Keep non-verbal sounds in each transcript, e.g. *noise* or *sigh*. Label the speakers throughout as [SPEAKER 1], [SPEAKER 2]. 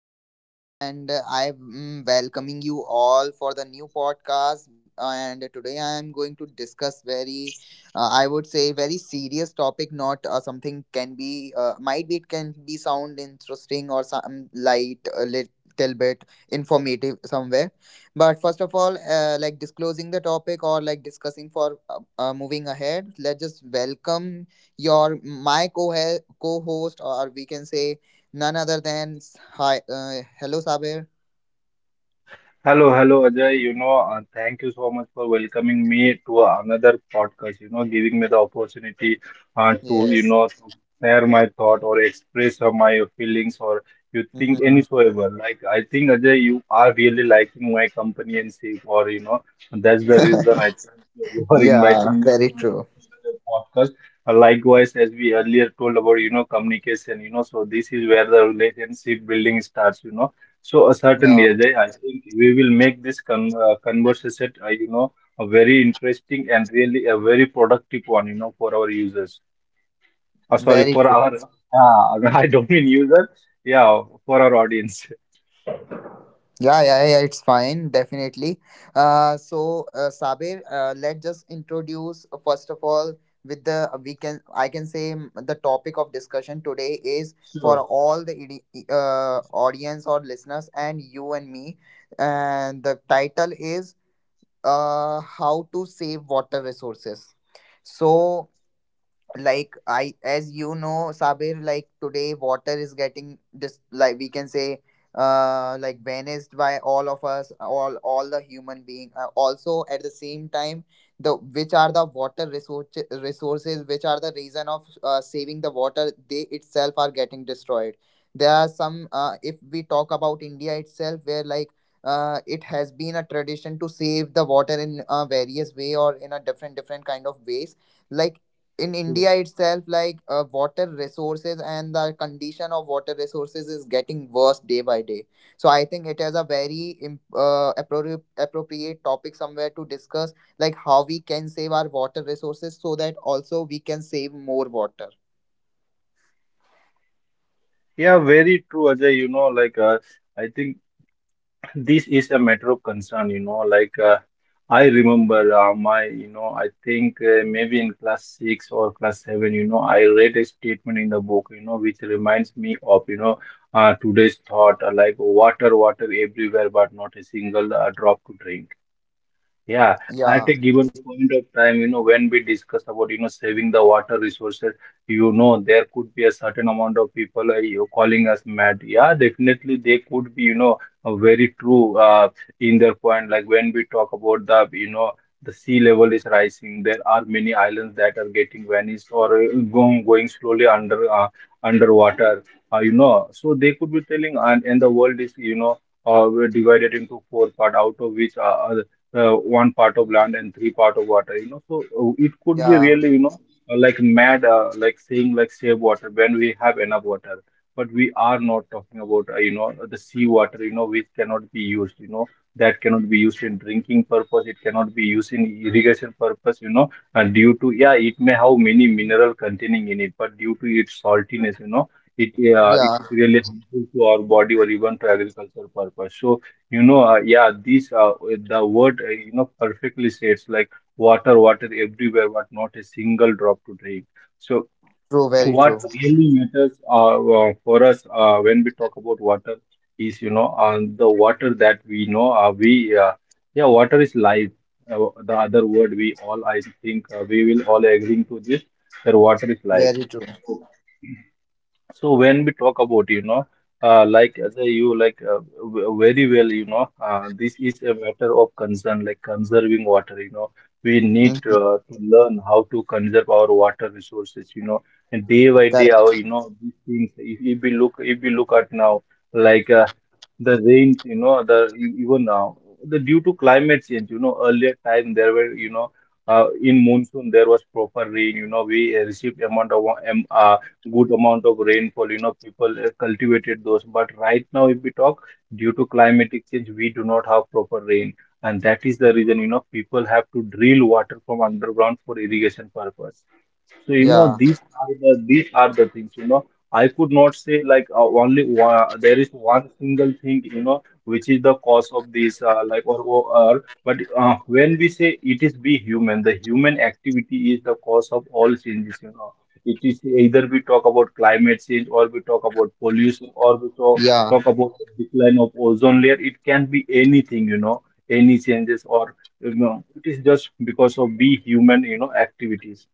[SPEAKER 1] Side, and I'm welcoming you all for the new podcast. And today I am going to discuss very, I would say, very serious topic. Not something can be, might be it can be sound interesting or some light a little bit informative somewhere. But first of all, like disclosing the topic or like discussing for moving ahead, let's just welcome your my co co-host, or we can say, none other than hi, hello Sabir.
[SPEAKER 2] Hello, hello, Ajay. Thank you so much for welcoming me to another podcast. Giving me the opportunity to,
[SPEAKER 1] Yes.
[SPEAKER 2] to share my thought or express my feelings or you think
[SPEAKER 1] Hmm.
[SPEAKER 2] any so ever. Like, I think, Ajay, you are really liking my companionship, or, that's the
[SPEAKER 1] *laughs*
[SPEAKER 2] reason I think you are
[SPEAKER 1] Yeah,
[SPEAKER 2] inviting me
[SPEAKER 1] very true.
[SPEAKER 2] to the podcast. Likewise, as we earlier told about, communication, so this is where the relationship building starts, so, certainly,
[SPEAKER 1] Yeah,
[SPEAKER 2] Ajay, I think we will make this conversation, a very interesting and really a very productive one, for our users. Sorry,
[SPEAKER 1] very
[SPEAKER 2] for
[SPEAKER 1] true.
[SPEAKER 2] our, *laughs* I don't mean user, yeah, for our audience.
[SPEAKER 1] Yeah, yeah, yeah, it's fine, definitely. So, Sabir, let's just introduce, first of all, with the we can I can say, the topic of discussion today is for
[SPEAKER 2] Sure.
[SPEAKER 1] all the audience or listeners and you and me, and the title is how to save water resources. So, like, I, as you know, Sabir, like today water is getting, just like we can say, like, vanished by all of us, all the human being, also at the same time, the which are the water resources, which are the reason of, saving the water, they itself are getting destroyed. There are some, if we talk about India itself, where like, it has been a tradition to save the water in various way, or in a different, different kind of ways. Like in
[SPEAKER 2] Sure.
[SPEAKER 1] India itself, like water resources and the condition of water resources is getting worse day by day. So I think it is a very appropriate topic somewhere to discuss, like how we can save our water resources so that also we can save more water.
[SPEAKER 2] Yeah, very true, Ajay. I think this is a matter of concern, I remember, my you know I think maybe in class 6 or class 7, I read a statement in the book, which reminds me of, today's thought, like water, water everywhere but not a single drop to drink. Yeah,
[SPEAKER 1] Yeah,
[SPEAKER 2] at a given point of time, you know, when we discuss about, you know, saving the water resources, you know, there could be a certain amount of people you calling us mad. Yeah, definitely they could be, you know, very true, in their point. Like when we talk about the, you know, the sea level is rising, there are many islands that are getting vanished or going, going slowly under underwater. You know, so they could be telling, and the world is, you know, were divided into four part, out of which one part of land and three part of water, you know, so it could be
[SPEAKER 1] yeah,
[SPEAKER 2] really, you know, like mad, like saying like save water when we have enough water. But we are not talking about, you know, the sea water, you know, which cannot be used, you know, that cannot be used in drinking purpose, it cannot be used in irrigation purpose, you know. And due to, yeah, it may have many mineral containing in it, but due to its saltiness, you know, it
[SPEAKER 1] yeah.
[SPEAKER 2] is really harmful to our body or even to agricultural purpose. So you know, yeah, the word, you know, perfectly says like water, water everywhere, but not a single drop to drink. So
[SPEAKER 1] True, very
[SPEAKER 2] what
[SPEAKER 1] true,
[SPEAKER 2] really matters, for us, when we talk about water is, the water that we know, we yeah, water is life. The other word, we all, I think, we will all agreeing to this that water is life.
[SPEAKER 1] very true.
[SPEAKER 2] So when we talk about, you know, like as a, you like very well, you know, this is a matter of concern, like conserving water. You know, we need
[SPEAKER 1] Mhm.
[SPEAKER 2] to learn how to conserve our water resources. You know, and day by day, our you
[SPEAKER 1] Correct.
[SPEAKER 2] know these things. If we look at now, like the rains, you know, even now, the due to climate change. You know, earlier time there were, you know, in monsoon there was proper rain. You know, we received amount of good amount of rainfall. You know, people cultivated those. But right now, if we talk, due to climatic change, we do not have proper rain. And that is the reason, you know, people have to drill water from underground for irrigation purpose. So, you know,
[SPEAKER 1] Yeah,
[SPEAKER 2] these are the things, you know. I could not say like, only one, there is one single thing, you know, which is the cause of this, like but when we say it is we human, the human activity is the cause of all changes, you know. It is either we talk about climate change or we talk about pollution or we talk,
[SPEAKER 1] yeah.
[SPEAKER 2] talk about the decline of ozone layer. It can be anything, you know, any changes or you know, it is just because of we human, you know, activities,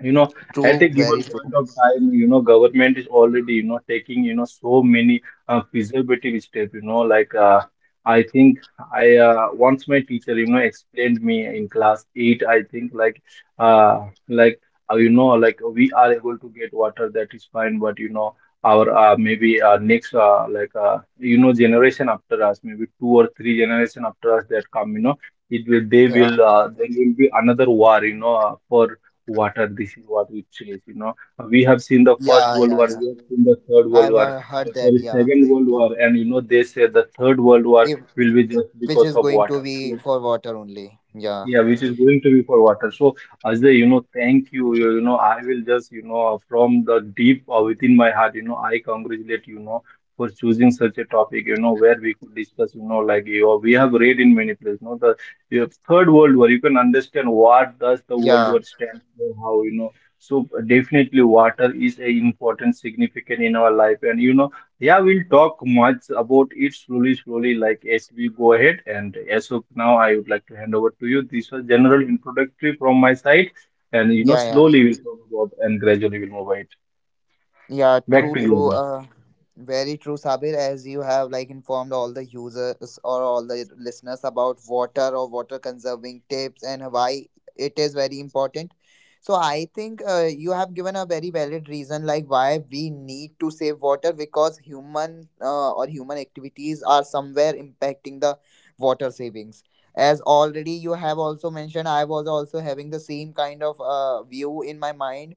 [SPEAKER 2] you know. At a
[SPEAKER 1] True,
[SPEAKER 2] given
[SPEAKER 1] very
[SPEAKER 2] point
[SPEAKER 1] true.
[SPEAKER 2] of time, you know, government is already, you know, taking, you know, so many preservative steps, you know, like I think I once my teacher, you know, explained me in class 8, I think, like uh, like you know, like we are able to get water, that is fine, but you know, our maybe next like you know, generation after us, maybe two or three generation after us that come, you know, it will they will
[SPEAKER 1] Yeah,
[SPEAKER 2] there will be another war, you know, for water. This is what we chase, you know. We have seen the first
[SPEAKER 1] yeah,
[SPEAKER 2] world
[SPEAKER 1] yeah,
[SPEAKER 2] war,
[SPEAKER 1] yeah.
[SPEAKER 2] we have seen the third world
[SPEAKER 1] I've
[SPEAKER 2] war,
[SPEAKER 1] heard that.
[SPEAKER 2] sorry,
[SPEAKER 1] Yeah.
[SPEAKER 2] second world war, and you know, they say the third world war
[SPEAKER 1] If
[SPEAKER 2] will be just
[SPEAKER 1] Which
[SPEAKER 2] because
[SPEAKER 1] is
[SPEAKER 2] of
[SPEAKER 1] going to
[SPEAKER 2] water.
[SPEAKER 1] be
[SPEAKER 2] So
[SPEAKER 1] for water only. Yeah,
[SPEAKER 2] yeah, which is going to be for water. So, Ajay, you know, thank you. You know, I will just, you know, from the deep within my heart, you know, I congratulate you, you know, for choosing such a topic, you know, where we could discuss, you know, like you, we have read in many places, you know, the you have Third World War. You can understand what does the World War
[SPEAKER 1] yeah,
[SPEAKER 2] stand for, how, you know. So definitely, water is a important, significant in our life, and you know, yeah, we'll talk much about it slowly, slowly, like as we go ahead. And as of now, I would like to hand over to you. This was general introductory from my side, and you know,
[SPEAKER 1] yeah, yeah.
[SPEAKER 2] slowly we'll talk about, and gradually we'll move it
[SPEAKER 1] Yeah,
[SPEAKER 2] back to
[SPEAKER 1] true, true.
[SPEAKER 2] you.
[SPEAKER 1] Very true, Sabir. As you have, like, informed all the users or all the listeners about water or water conserving tips and why it is very important. So I think you have given a very valid reason, like why we need to save water, because human activities are somewhere impacting the water savings. As already you have also mentioned, I was also having the same kind of view in my mind,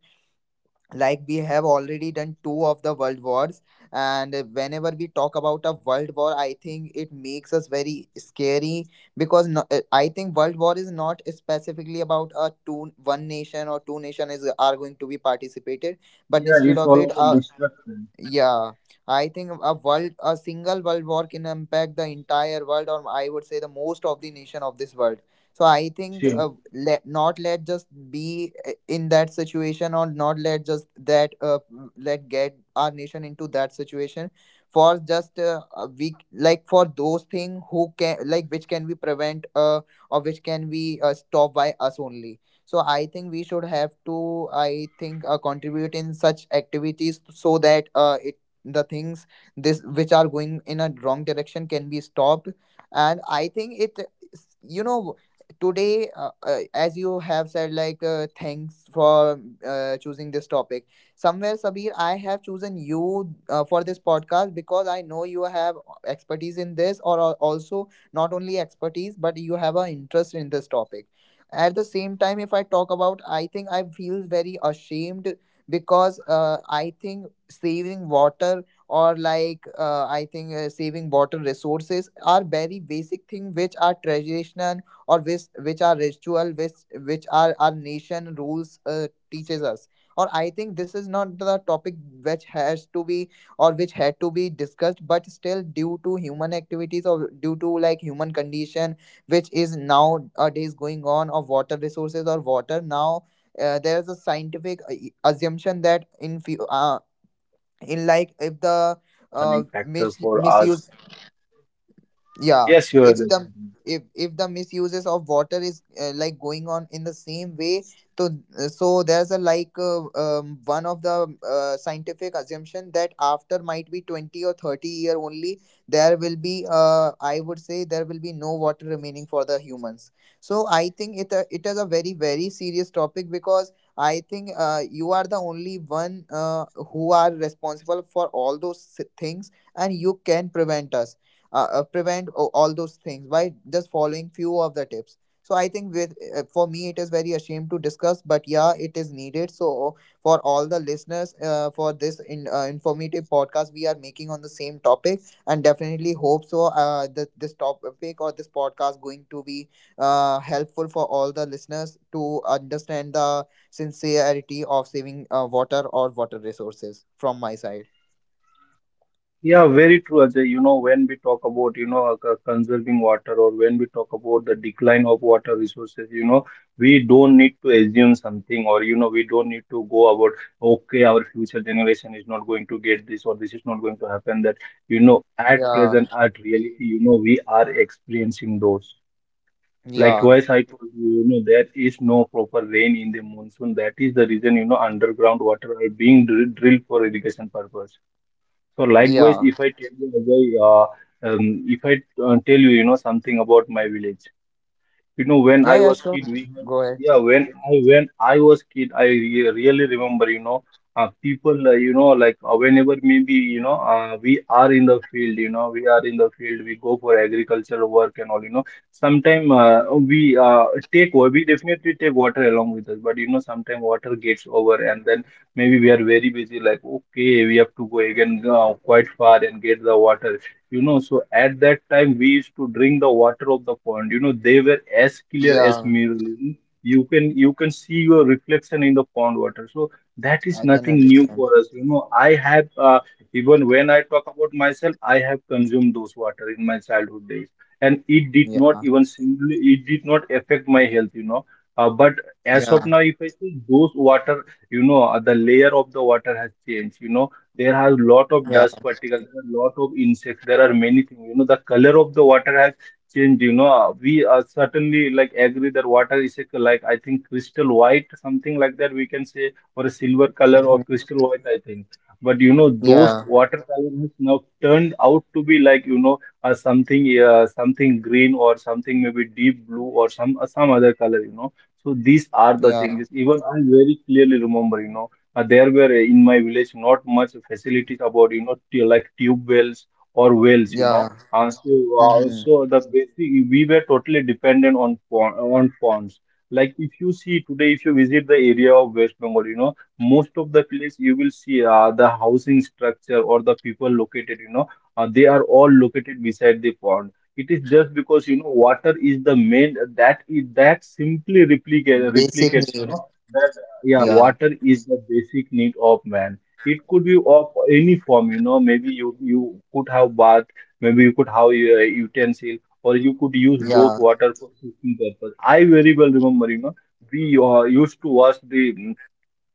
[SPEAKER 1] like we have already done two of the world wars. And whenever we talk about a world war, I think it makes us very scary, because no, I think world war is not specifically about a two, one nation or two nation is are going to be participated, but
[SPEAKER 2] Yeah,
[SPEAKER 1] instead
[SPEAKER 2] it's
[SPEAKER 1] of
[SPEAKER 2] all
[SPEAKER 1] it,
[SPEAKER 2] about destruction.
[SPEAKER 1] yeah, I think a single world war can impact the entire world, or I would say the most of the nation of this world. So I think,
[SPEAKER 2] Sure.
[SPEAKER 1] let not let just be, in that situation, or not let just that, let get our nation into that situation for just a week, like for those thing who can, like which can we prevent, or which can we stop by us only. So I think we should have to, I think, contribute in such activities so that it, the things, this which are going in a wrong direction can be stopped. And I think you know, today, as you have said, like, thanks for choosing this topic. Somewhere, Sabir, I have chosen you for this podcast, because I know you have expertise in this, or also, not only expertise, but you have an interest in this topic. At the same time, if I talk about, I think I feel very ashamed, because I think saving water, or like, I think saving water resources are very basic thing, which are traditional, or which are ritual, which are our nation rules teaches us. Or I think this is not the topic which has to be, or which had to be discussed, but still, due to human activities or due to like human condition, which is nowadays going on of water
[SPEAKER 2] Yeah,
[SPEAKER 1] resources
[SPEAKER 2] Ajay,
[SPEAKER 1] or
[SPEAKER 2] like
[SPEAKER 1] water
[SPEAKER 2] you know,
[SPEAKER 1] now.
[SPEAKER 2] you are
[SPEAKER 1] There is a
[SPEAKER 2] really
[SPEAKER 1] scientific
[SPEAKER 2] well said. Like
[SPEAKER 1] assumption
[SPEAKER 2] due
[SPEAKER 1] that
[SPEAKER 2] to
[SPEAKER 1] in few,
[SPEAKER 2] human activity, you know, these
[SPEAKER 1] in
[SPEAKER 2] are
[SPEAKER 1] like
[SPEAKER 2] the
[SPEAKER 1] if
[SPEAKER 2] major,
[SPEAKER 1] the,
[SPEAKER 2] you know, concerning factor for
[SPEAKER 1] misuse,
[SPEAKER 2] us.
[SPEAKER 1] yeah,
[SPEAKER 2] Yes, you are.
[SPEAKER 1] if
[SPEAKER 2] Ajay.
[SPEAKER 1] the, if the misuses of water is, like, going on in the same way, to, so there's a like, one of the scientific assumption that after might be 20 or 30-year only, there will be, I would say there will be no water remaining for the humans. So I think it is a very, very serious topic, because I think you are the only one who are responsible for all those things, and you can prevent us, prevent all those things by just following few of the tips. So I think, with, for me it is very ashamed to discuss, but yeah, it is needed. So for all the listeners, for this informative podcast we are making on the same topic, and definitely hope so that this topic or this podcast going to be helpful for all the listeners to understand the sincerity of saving water or water resources from my side.
[SPEAKER 2] Yeah, very true, Ajay. You know, when we talk about, you know, conserving water, or when we talk about the decline of water resources, you know, we don't need to assume something, or, you know, we don't need to go about, okay, our future generation is not going to get this or this is not going to happen. That, you know, at present,
[SPEAKER 1] Yeah,
[SPEAKER 2] at reality, you know, we are experiencing those.
[SPEAKER 1] yeah,
[SPEAKER 2] Likewise, I told you, you know, there is no proper rain in the monsoon. That is the reason, you know, underground water are being drilled for irrigation purpose. So likewise,
[SPEAKER 1] yeah.
[SPEAKER 2] if I tell you, Ajay, if I tell you, you know, something about my village, you know, when
[SPEAKER 1] Yeah,
[SPEAKER 2] I
[SPEAKER 1] yeah,
[SPEAKER 2] was
[SPEAKER 1] sure.
[SPEAKER 2] kid, we
[SPEAKER 1] Go ahead.
[SPEAKER 2] yeah when I when I was kid, I really remember, you know, people, you know, like whenever, maybe you know, we are in the field, we go for agricultural work and all, you know, sometime we uh, we definitely take water along with us, but you know, sometime water gets over, and then maybe we are very busy, like okay, we have to go again, quite far and get the water. You know, so at that time we used to drink the water of the pond. You know, they were as clear as
[SPEAKER 1] Yeah,
[SPEAKER 2] mirror. You can, you can see your reflection in the pond water. So that
[SPEAKER 1] I
[SPEAKER 2] is
[SPEAKER 1] can
[SPEAKER 2] nothing new
[SPEAKER 1] understand.
[SPEAKER 2] for us. You know, I have even when I talk about myself, I have consumed those water in my childhood days, and it did not
[SPEAKER 1] Yeah,
[SPEAKER 2] even singly, it did not affect my health. You know, but as of
[SPEAKER 1] yeah,
[SPEAKER 2] now, if I see those water, you know, the layer of the water has changed. You know, there are lot of
[SPEAKER 1] yeah.
[SPEAKER 2] dust particles, there are lot of insects, there are many things. You know, the color of the water has changed. You know, uh, we are certainly like agree that water is a, like I think crystal white, something like that. We can say, or a silver color or
[SPEAKER 1] Hmm.
[SPEAKER 2] crystal white, I think. But you know, those
[SPEAKER 1] Yeah,
[SPEAKER 2] water color has now turned out to be like you know, something green, or something maybe deep blue, or some other color. You know. So these are the
[SPEAKER 1] yeah,
[SPEAKER 2] changes. Even I very clearly remember, you know, there were in my village not much facilities about you know like tube wells or wells you
[SPEAKER 1] yeah.
[SPEAKER 2] know uh, so uh,
[SPEAKER 1] Hmm.
[SPEAKER 2] so the basic we were totally dependent on on ponds. Like if you see today, if you visit the area of West Bengal, you know most of the place you will see the housing structure or the people located, you know they are all located beside the pond. It is just because you know water is the main, that is, that simply replicate
[SPEAKER 1] Basic
[SPEAKER 2] replicates you
[SPEAKER 1] need.
[SPEAKER 2] know. That's Yeah,
[SPEAKER 1] Yeah,
[SPEAKER 2] water is the basic need of man. It could be of any form, you know. Maybe you could have bath, maybe you could have a utensil, or you could use those
[SPEAKER 1] yeah,
[SPEAKER 2] water for cooking purpose. I very well remember, you know, we used to wash the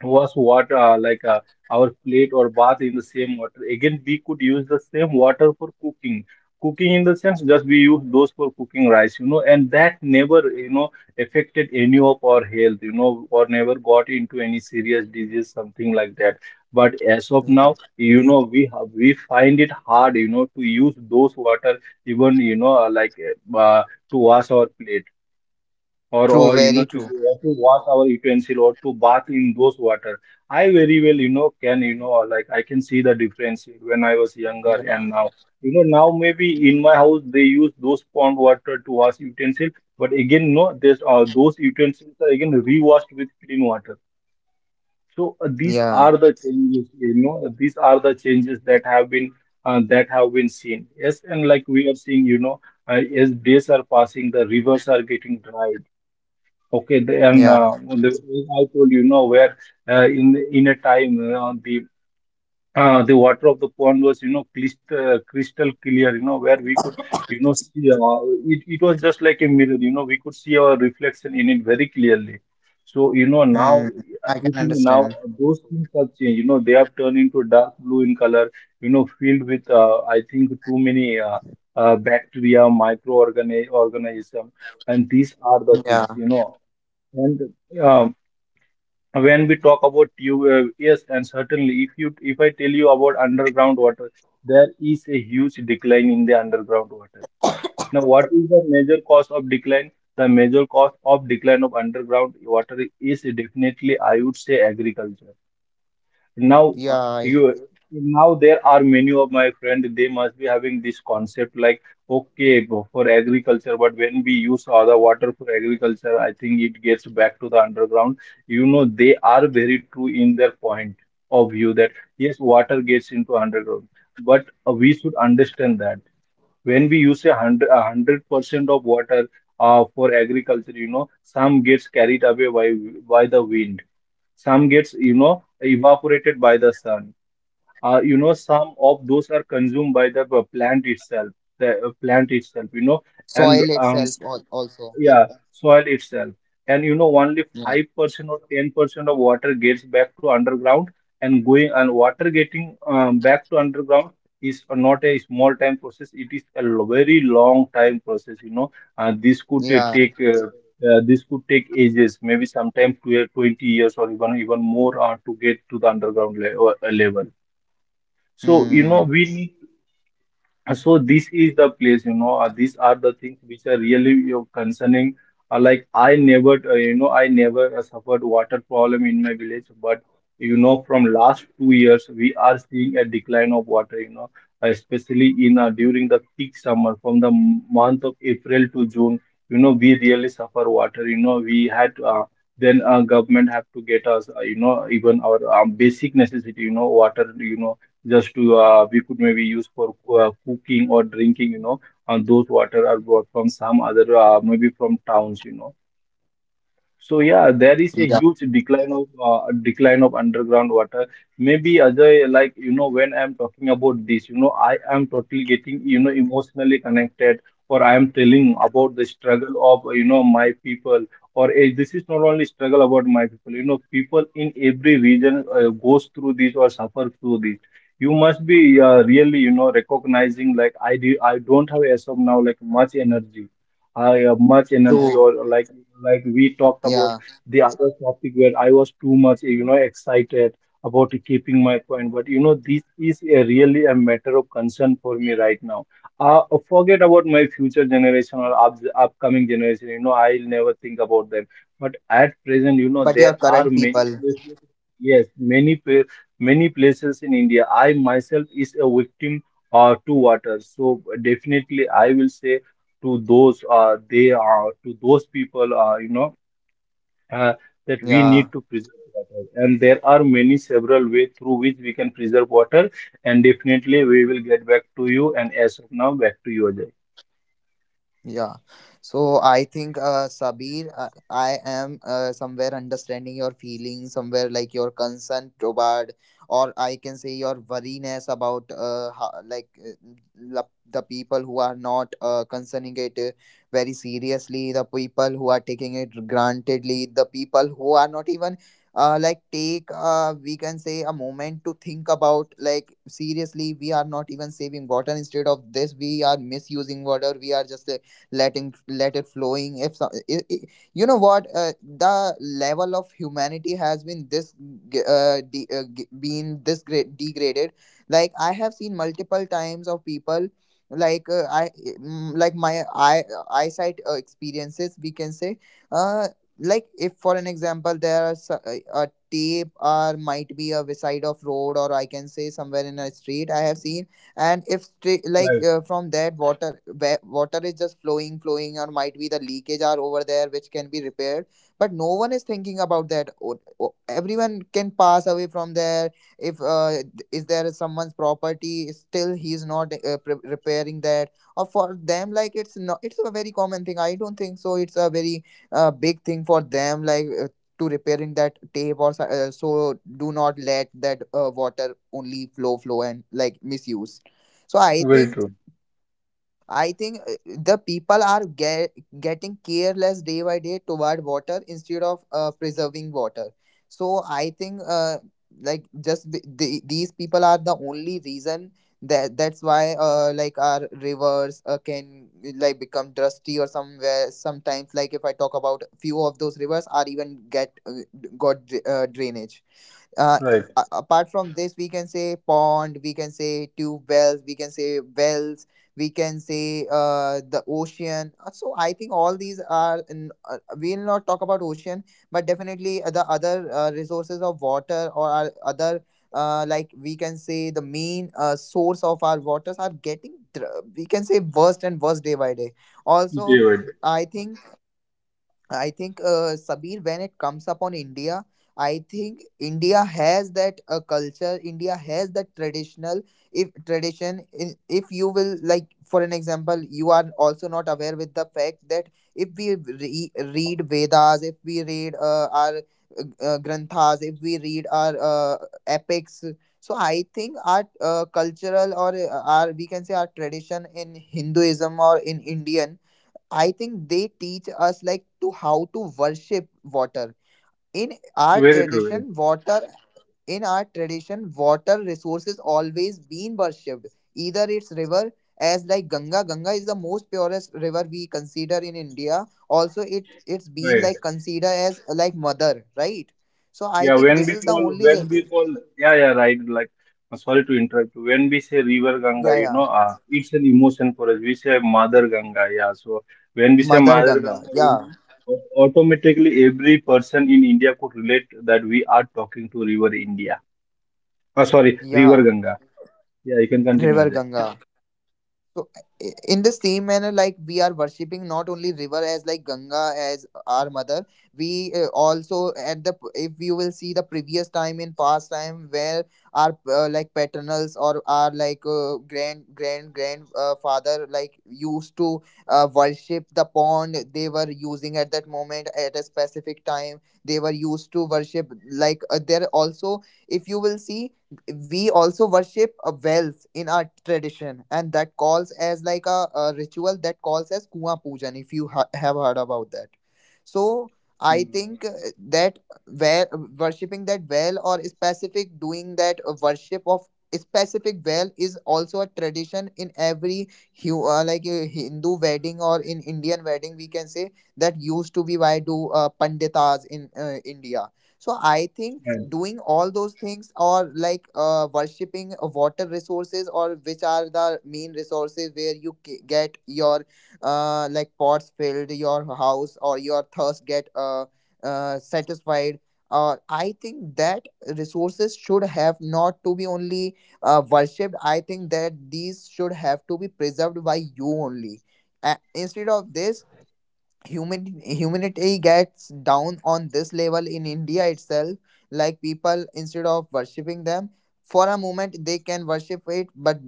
[SPEAKER 2] was what like our plate or bath in the same water. Again, we could use the same water for cooking. Cooking in the sense, just we use those for cooking rice, you know, and that never, you know, affected any of our health, you know, or never got into any serious disease, something like that. But as of now,
[SPEAKER 1] yeah.
[SPEAKER 2] you know, we find it hard, you know, to use those water even, you know, uh, to wash our plate or
[SPEAKER 1] True,
[SPEAKER 2] or you know
[SPEAKER 1] very
[SPEAKER 2] to,
[SPEAKER 1] true.
[SPEAKER 2] to wash our utensil or to bath in those water. I very well you know can, you know, like I can see the difference when I was younger and
[SPEAKER 1] Yeah,
[SPEAKER 2] now. You know, now maybe in my house they use those pond water to wash utensil, but again, no, there's those utensils are again re-washed with clean water. So these are
[SPEAKER 1] yeah,
[SPEAKER 2] the changes, you know, these are the changes that have been seen. Yes, and like we are seeing, you know as days are passing the rivers are getting dry. Okay,
[SPEAKER 1] yeah.
[SPEAKER 2] the, I told you know where in a time the water of the pond was, you know, crystal crystal clear, you know, where we could, you know, see it was just like a mirror, you know, we could see our reflection in it very clearly. So you know now,
[SPEAKER 1] Mm, I can
[SPEAKER 2] everything now,
[SPEAKER 1] understand.
[SPEAKER 2] those things have changed, you know, they have turned into dark blue in color, you know, filled with I think too many bacteria microorganism organism, and these are the things,
[SPEAKER 1] Yeah,
[SPEAKER 2] you know. And um, when we talk about yes, and certainly, if I tell you about underground water, there is a huge decline in the underground water. Now, what is the major cause of decline? The major cause of decline of underground water is definitely, I would say, agriculture. Now
[SPEAKER 1] yeah. I-
[SPEAKER 2] you now there are many of my friend, they must be having this concept like, okay, for agriculture, but when we use other water for agriculture, I think it gets back to the underground. You know, they are very true in their point of view that yes, water gets into underground, but we should understand that when we use a hundred percent of water for agriculture, you know, some gets carried away by the wind, some gets, you know, evaporated by the sun. You know, some of those are consumed by the plant itself, you know, and
[SPEAKER 1] soil itself, al- also.
[SPEAKER 2] yeah, soil itself. And you know, only
[SPEAKER 1] Yeah,
[SPEAKER 2] 5% or 10% of water gets back to underground, and going and water getting back to underground is not a small time process. It is a very long time process, you know.
[SPEAKER 1] yeah.
[SPEAKER 2] This could take ages, maybe sometime 12, 20 years or even more to get to the underground le level. So, you
[SPEAKER 1] Mm,
[SPEAKER 2] know, we need, so this is the place, you know, these are the things which are really, you know, concerning. Like I never suffered water problem in my village, but you know, from last 2 years we are seeing a decline of water, you know, especially in during the peak summer from the month of April to June. You know, we really suffer water. You know, we had then government have to get us, you know, even our basic necessity, you know, water, you know, just to we could maybe use for cooking or drinking, you know, and those water are brought from some other, maybe from towns, you know. So yeah, there is a
[SPEAKER 1] yeah,
[SPEAKER 2] huge decline of underground water. Maybe Ajay, like you know, when I'm talking about this, you know, I am totally getting, you know, emotionally connected, or I am telling about the struggle of, you know, my people, or this is not only struggle about my people. You know, people in every region goes through this or suffer through this. You must be really, you know, recognizing like I do. I don't have as of now like much energy, I have much energy,
[SPEAKER 1] true.
[SPEAKER 2] or like we talked about
[SPEAKER 1] Yeah,
[SPEAKER 2] the other topic where I was too much, you know, excited about keeping my point, but you know this is a really a matter of concern for me right now. uh, forget about my future generation or upcoming generation, you know, I'll never think about them, but at present, you know,
[SPEAKER 1] but your
[SPEAKER 2] there are
[SPEAKER 1] current
[SPEAKER 2] many
[SPEAKER 1] people.
[SPEAKER 2] places, yes, many places in India, I myself is a victim to water, so definitely I will say to those, they are, to those people, you know, uh, that we need
[SPEAKER 1] Yeah.
[SPEAKER 2] to preserve water, and there are many several ways through which we can preserve water, and definitely we will get back to you, and as of now, back to you, Ajay.
[SPEAKER 1] Yeah. So I think, Sabir, I am, somewhere understanding your feelings, somewhere like your concern toward, or I can say your worriness about, how, like, the people who are not, concerning it, very seriously, the people who are taking it grantedly, the people who are not even. Like, take, uh, we can say a moment to think about. Like, seriously, we are not even saving water, instead of this we are misusing water, we are just, letting, let it flowing. If so, I, you know what, the level of humanity has been this g- de- g- been this great degraded. Like I have seen multiple times of people, like, I mm, like my eyesight, experiences we can say. uh like, if for an example, there are a tape, or might be a side of road, or I can say somewhere in a street, I have seen, and if stra- like,
[SPEAKER 2] Right.
[SPEAKER 1] from that water, water is just flowing, flowing, or might be the leakage are over there, which can be repaired, but no one is thinking about that. Everyone can pass away from there. If, is there is someone's property, still he is not, repairing that. Or for them, like, it's not, it's a very common thing, I don't think so it's a very big thing for them, like, to repairing that tape, or so do not let that water only flow, flow, and like, misuse. So I
[SPEAKER 2] Very
[SPEAKER 1] think,
[SPEAKER 2] true.
[SPEAKER 1] I think, the people are getting careless day by day toward water, instead of, preserving water. So I think, like, just these people are the only reason that, that's why, like, our rivers, can like become dusty, or somewhere sometimes, like if I talk about few of those rivers, are even get got drainage. uh,
[SPEAKER 2] Right.
[SPEAKER 1] a- apart from this, we can say pond, we can say tube wells, we can say wells, we can say, the ocean. So I think all these are, we'll not talk about ocean, but definitely, the other resources of water or our other, like we can say the main, source of our waters, are getting, we can say, worse and worse day by day also.
[SPEAKER 2] David.
[SPEAKER 1] I think, I think, Sabir, when it comes upon India, I think India has that, culture. India has that traditional, if tradition, in, if you will like, for an example, you are also not aware with the fact that if we read Vedas, if we read, our, granthas, if we read our, epics, so I think our, cultural, or, our, we can say our tradition in Hinduism or in Indian, I think they teach us like to how to worship water. In our
[SPEAKER 2] Very true. Very
[SPEAKER 1] tradition, water, in our tradition, water resources always been worshipped. Either it's river, as like Ganga. Ganga is the most purest river we consider in India. Also, it, it's been
[SPEAKER 2] very.
[SPEAKER 1] like considered as like mother, right? So I
[SPEAKER 2] Yeah,
[SPEAKER 1] think
[SPEAKER 2] when
[SPEAKER 1] this
[SPEAKER 2] we
[SPEAKER 1] is the
[SPEAKER 2] call,
[SPEAKER 1] only river.
[SPEAKER 2] yeah yeah right, like, sorry to interrupt. When we say River Ganga,
[SPEAKER 1] Yeah,
[SPEAKER 2] you
[SPEAKER 1] yeah.
[SPEAKER 2] know, it's an emotion for us. We say Mother Ganga, yeah. So when we say
[SPEAKER 1] Mother
[SPEAKER 2] Mother
[SPEAKER 1] Ganga.
[SPEAKER 2] Ganga, you
[SPEAKER 1] Yeah,
[SPEAKER 2] know, automatically every person in India could relate that we are talking to River India. Sorry, River
[SPEAKER 1] yeah.
[SPEAKER 2] Ganga. Yeah, you can continue,
[SPEAKER 1] River
[SPEAKER 2] Ajay.
[SPEAKER 1] Ganga. So, in the same manner, like we are worshipping not only river as like Ganga as our mother, we also at the if you will see the previous time in past time where our like paternals or our like grand father like used to worship the pond they were using at that moment at a specific time they were used to worship like there also if you will see we also worship a wealth in our tradition and that calls as like a ritual that calls as kuan pujan if you have heard about that so I think that well, worshipping that well or specific doing that worship of specific well is also a tradition in every Hindu wedding or in Indian wedding we can say that used to be why do panditas in India. So I think
[SPEAKER 2] Yeah.
[SPEAKER 1] doing all those things or like worshipping water resources or which are the main resources where you get your like pots filled, your house, or your thirst get satisfied. I think that resources should have not to be only worshipped. I think that these should have to be preserved by you only. Instead of this, humanity gets down on this level in India itself, like people instead of worshipping them for a moment, they can worship it, but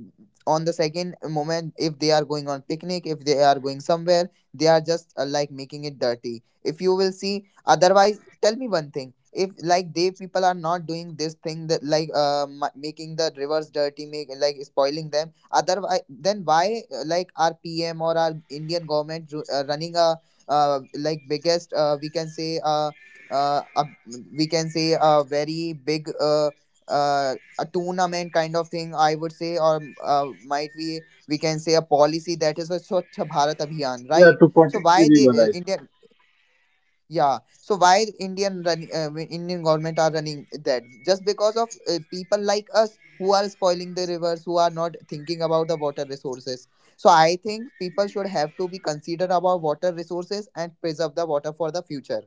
[SPEAKER 1] on the second moment, if they are going on picnic, if they are going somewhere, they are just like making it dirty. If you will see, otherwise tell me one thing, if like they people are not doing this thing that like making the rivers dirty, make like spoiling them otherwise, then why like our PM or our Indian government running a like biggest we can say uh, a, we can say a very big a tournament kind of thing, I would say, or might be we can say a policy, that is a Swachh Bharat Abhiyan,
[SPEAKER 2] Yeah,
[SPEAKER 1] right?
[SPEAKER 2] to
[SPEAKER 1] So
[SPEAKER 2] protect the
[SPEAKER 1] why they
[SPEAKER 2] river.
[SPEAKER 1] India? Yeah. So why Indian run, Indian government are running that? Just because of people like us who are spoiling the rivers, who are not thinking about the water resources. So I think people should have to be considered about water resources and preserve the water for the future.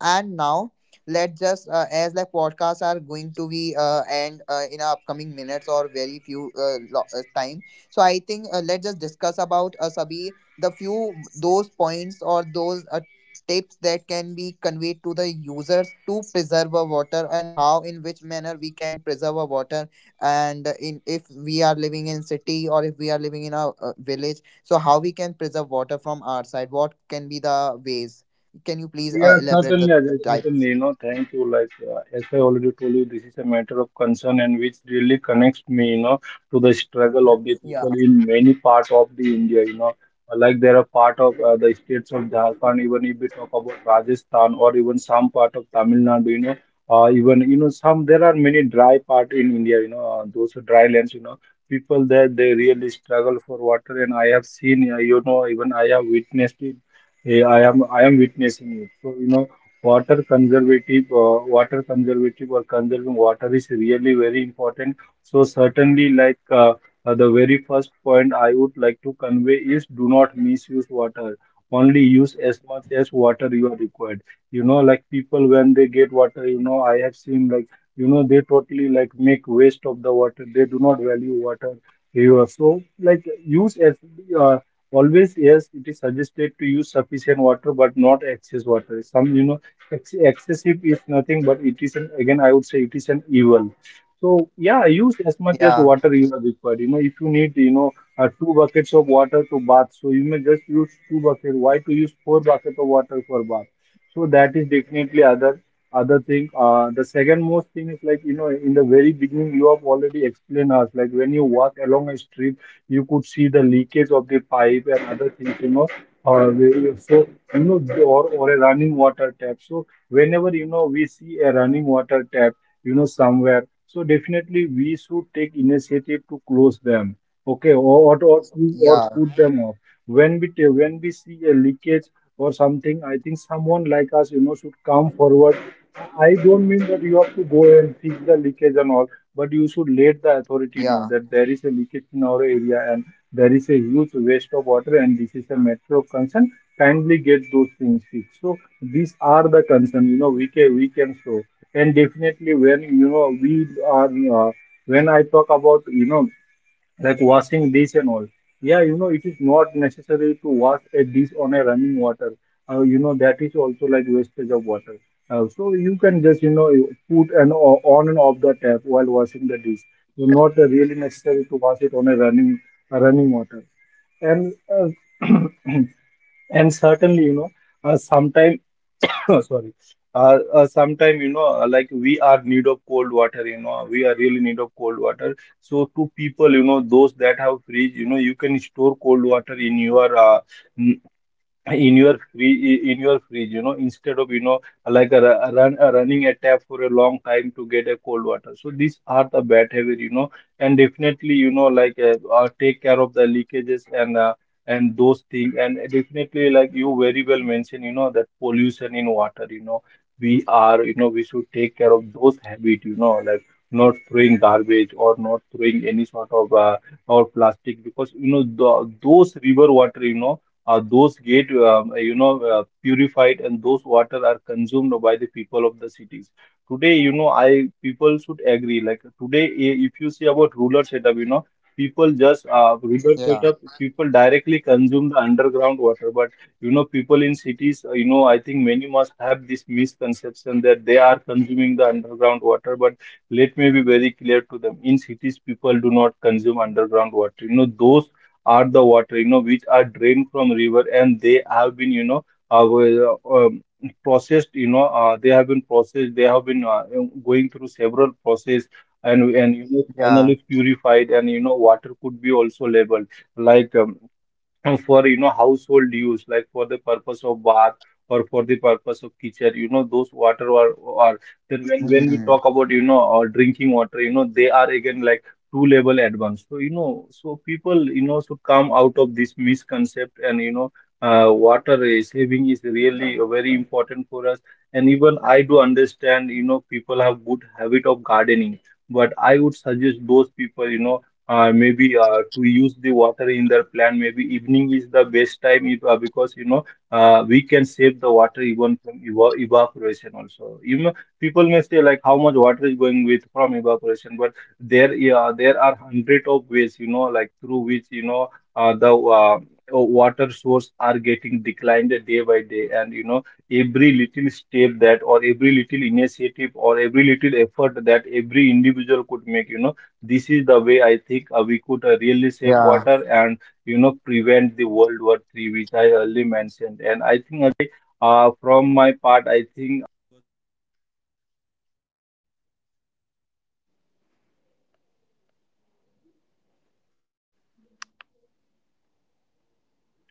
[SPEAKER 1] And now let's just as like podcasts are going to be end in our upcoming minutes or very few time. So I think let's just discuss about Sabi, the few those points or those tips that can be conveyed to the users to preserve our water, and how in which manner we can preserve our water, and in if we are living in city or if we are living in a village, so how we can preserve water from our side, what can be the ways. Can you please
[SPEAKER 2] Yeah,
[SPEAKER 1] elaborate the
[SPEAKER 2] certainly, Ajay,
[SPEAKER 1] types?
[SPEAKER 2] certainly. No, thank you. Like, as I already told you, this is a matter of concern and which really connects me, you know, to the struggle of the
[SPEAKER 1] Yeah,
[SPEAKER 2] people in many parts of the India, you know. Like there are part of the states of Jharkhand, even if we talk about Rajasthan or even some part of Tamil Nadu, you know, even, you know, some, there are many dry part in India, you know, those dry lands, you know, people there, they really struggle for water. And I have seen, you know, even I have witnessed it, yeah, I am witnessing it. So you know, water conservative, water conservative, or conserving water is really very important. So certainly, like the very first point I would like to convey is, do not misuse water. Only use as much as water you are required. You know, like people when they get water, you know, I have seen, like, you know, they totally like make waste of the water. They do not value water. You are so like use as. uh, Always, yes, it is suggested to use sufficient water, but not excess water. Some, you know, ex excessive is nothing, but it is an, again, I would say, it is an evil. So, yeah, use as much as
[SPEAKER 1] yeah,
[SPEAKER 2] water you are required. You know, if you need, you know, two buckets of water to bath, so you may just use two buckets. Why to use four buckets of water for bath? So that is definitely other thing. The second most thing is, like, you know, in the very beginning, you have already explained us, like when you walk along a street, you could see the leakage of the pipe and other things, you know. So you know, or a running water tap. So whenever, you know, we see a running water tap, you know, somewhere, so definitely we should take initiative to close them. Okay,
[SPEAKER 1] yeah,
[SPEAKER 2] or put them off. When we see a leakage or something, I think someone like us, you know, should come forward. I don't mean that you have to go and fix the leakage and all, but you should let the authority
[SPEAKER 1] yeah,
[SPEAKER 2] know that there is a leakage in our area and there is a huge waste of water and this is a matter of concern. Kindly get those things fixed. So these are the concern, we can show. And definitely, are uh, when I talk about like washing dish and all. Yeah, it is not necessary to wash a dish on a running water. That is also like wastage of water. So you can just, you put on and off the tap while washing the dish. So not really necessary to wash it on a running water. And *clears throat* and certainly, sometimes *laughs* *coughs* sorry sometime like we are need of cold water. We are really need of cold water, so to people, those that have fridge, you can store cold water in your free in your fridge instead of, like a, ru- a run a running a tap for a long time to get a cold water. So these are the bad habit you know And definitely, like, take care of the leakages and those things. And definitely, like you very well mentioned, that pollution in water, you know we are you know we should take care of those habit like not throwing garbage or not throwing any sort of, or plastic. Because, the, those river water, those get, purified, and those water are consumed by the people of the cities today. You know I People should agree, like today, if you see about ruler setup, people just ruler
[SPEAKER 1] yeah,
[SPEAKER 2] setup, people directly consume the underground water. But, people in cities, I think many must have this misconception that they are consuming the underground water. But let me be very clear to them: in cities, people do not consume underground water. Those are the water, which are drained from river, and they have been, uh, w- um, processed. They have been, going through several process, and
[SPEAKER 1] yeah.
[SPEAKER 2] finally purified. And, water could be also labeled, like, and for, household use, like for the purpose of bath or for the purpose of kitchen. Those water are, then, when,
[SPEAKER 1] Hmm.
[SPEAKER 2] when we talk about, drinking water, they are again like two level advanced. So, people, should come out of this misconcept. And, saving is really, very important for us. And even I do understand, people have good habit of gardening, but I would suggest those people, you know maybe to use the water in their plant. Maybe evening is the best time if, because, we can save the water even from evaporation also. People may say like how much water is going with from evaporation, but there yeah, there are hundred of ways, like through which, the, water source are getting declined day by day. And, every little step that, or every little initiative, or every little effort that every individual could make, this is the way I think, we could,
[SPEAKER 1] Yeah.
[SPEAKER 2] really save water and, prevent the World War III, which I early mentioned. And I think from my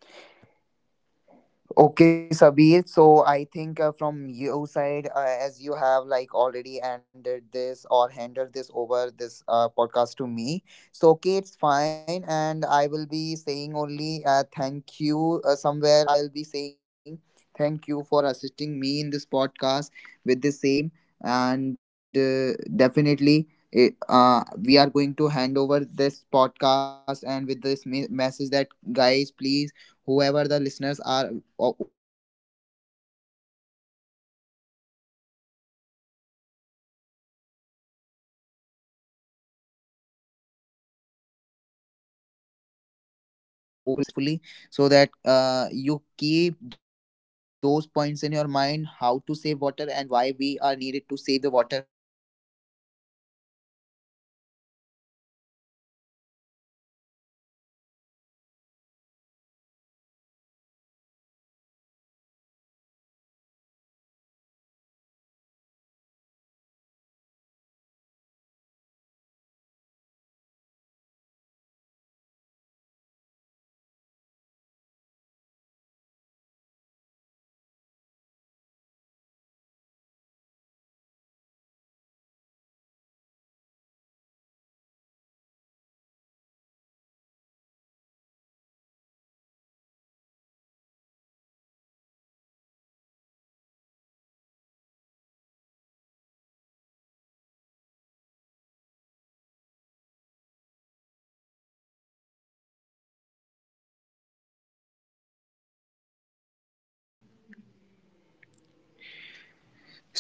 [SPEAKER 1] Okay, Sabir. So I think from your side, as you have like already ended this or handed this over, this podcast to me. So okay, it's fine, and I will be saying only thank you. Somewhere I'll be saying thank you for assisting me in this podcast, with the same, and definitely. We are going to hand over this podcast, and with this message that, guys, please, whoever the listeners are over there hearing me, kindly look into this matter very gracefully so that like this podcast can be successful, and I would say somewhere kindly look into this matter very gracefully so that you keep those points in your mind, how to save water and why we are needed to save the water accordingly. We are not supposed to waste waste this water up, and not, we are not the one who should have to interrupt interpret those things, like we can just flow the water accordingly. So I think we should.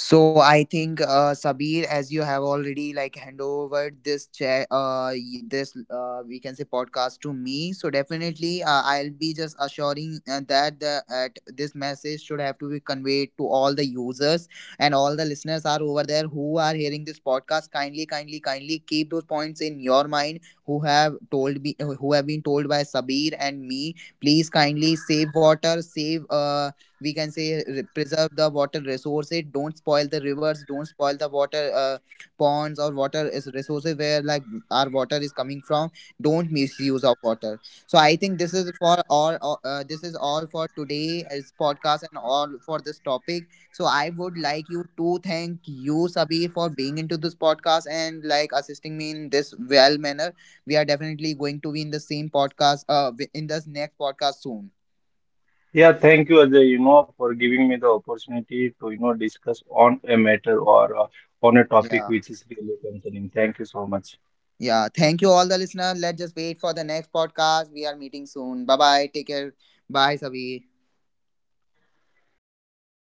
[SPEAKER 1] So I think Sabir, as you have already like hand over this chair, this we can say podcast to me. So definitely, I'll be just assuring that the at this message should have to be conveyed to all the users and all the listeners are over there who are hearing this podcast. Kindly, kindly, kindly keep those points in your mind. Who have told me, who have been told by Sabir and me. Please kindly save water, save uh, we can say, preserve the water resources. Don't spoil the rivers, don't spoil the water ponds or water is resources where like our water is coming from. Don't misuse our water. So I think this is for this is all for today's podcast and all for this topic. So I would like you to, thank you Sabi, for being into this podcast and like assisting me in this well manner. We are definitely going to be in the same podcast in this next podcast soon.
[SPEAKER 2] Yeah, thank you, Ajay, for giving me the opportunity to, discuss on a matter, or on a topic
[SPEAKER 1] Yeah.
[SPEAKER 2] which is really concerning. Thank you so much.
[SPEAKER 1] Yeah, thank you all the listener. Let's just wait for the next podcast. We are meeting soon. Bye bye. Take care. Bye, Sabi.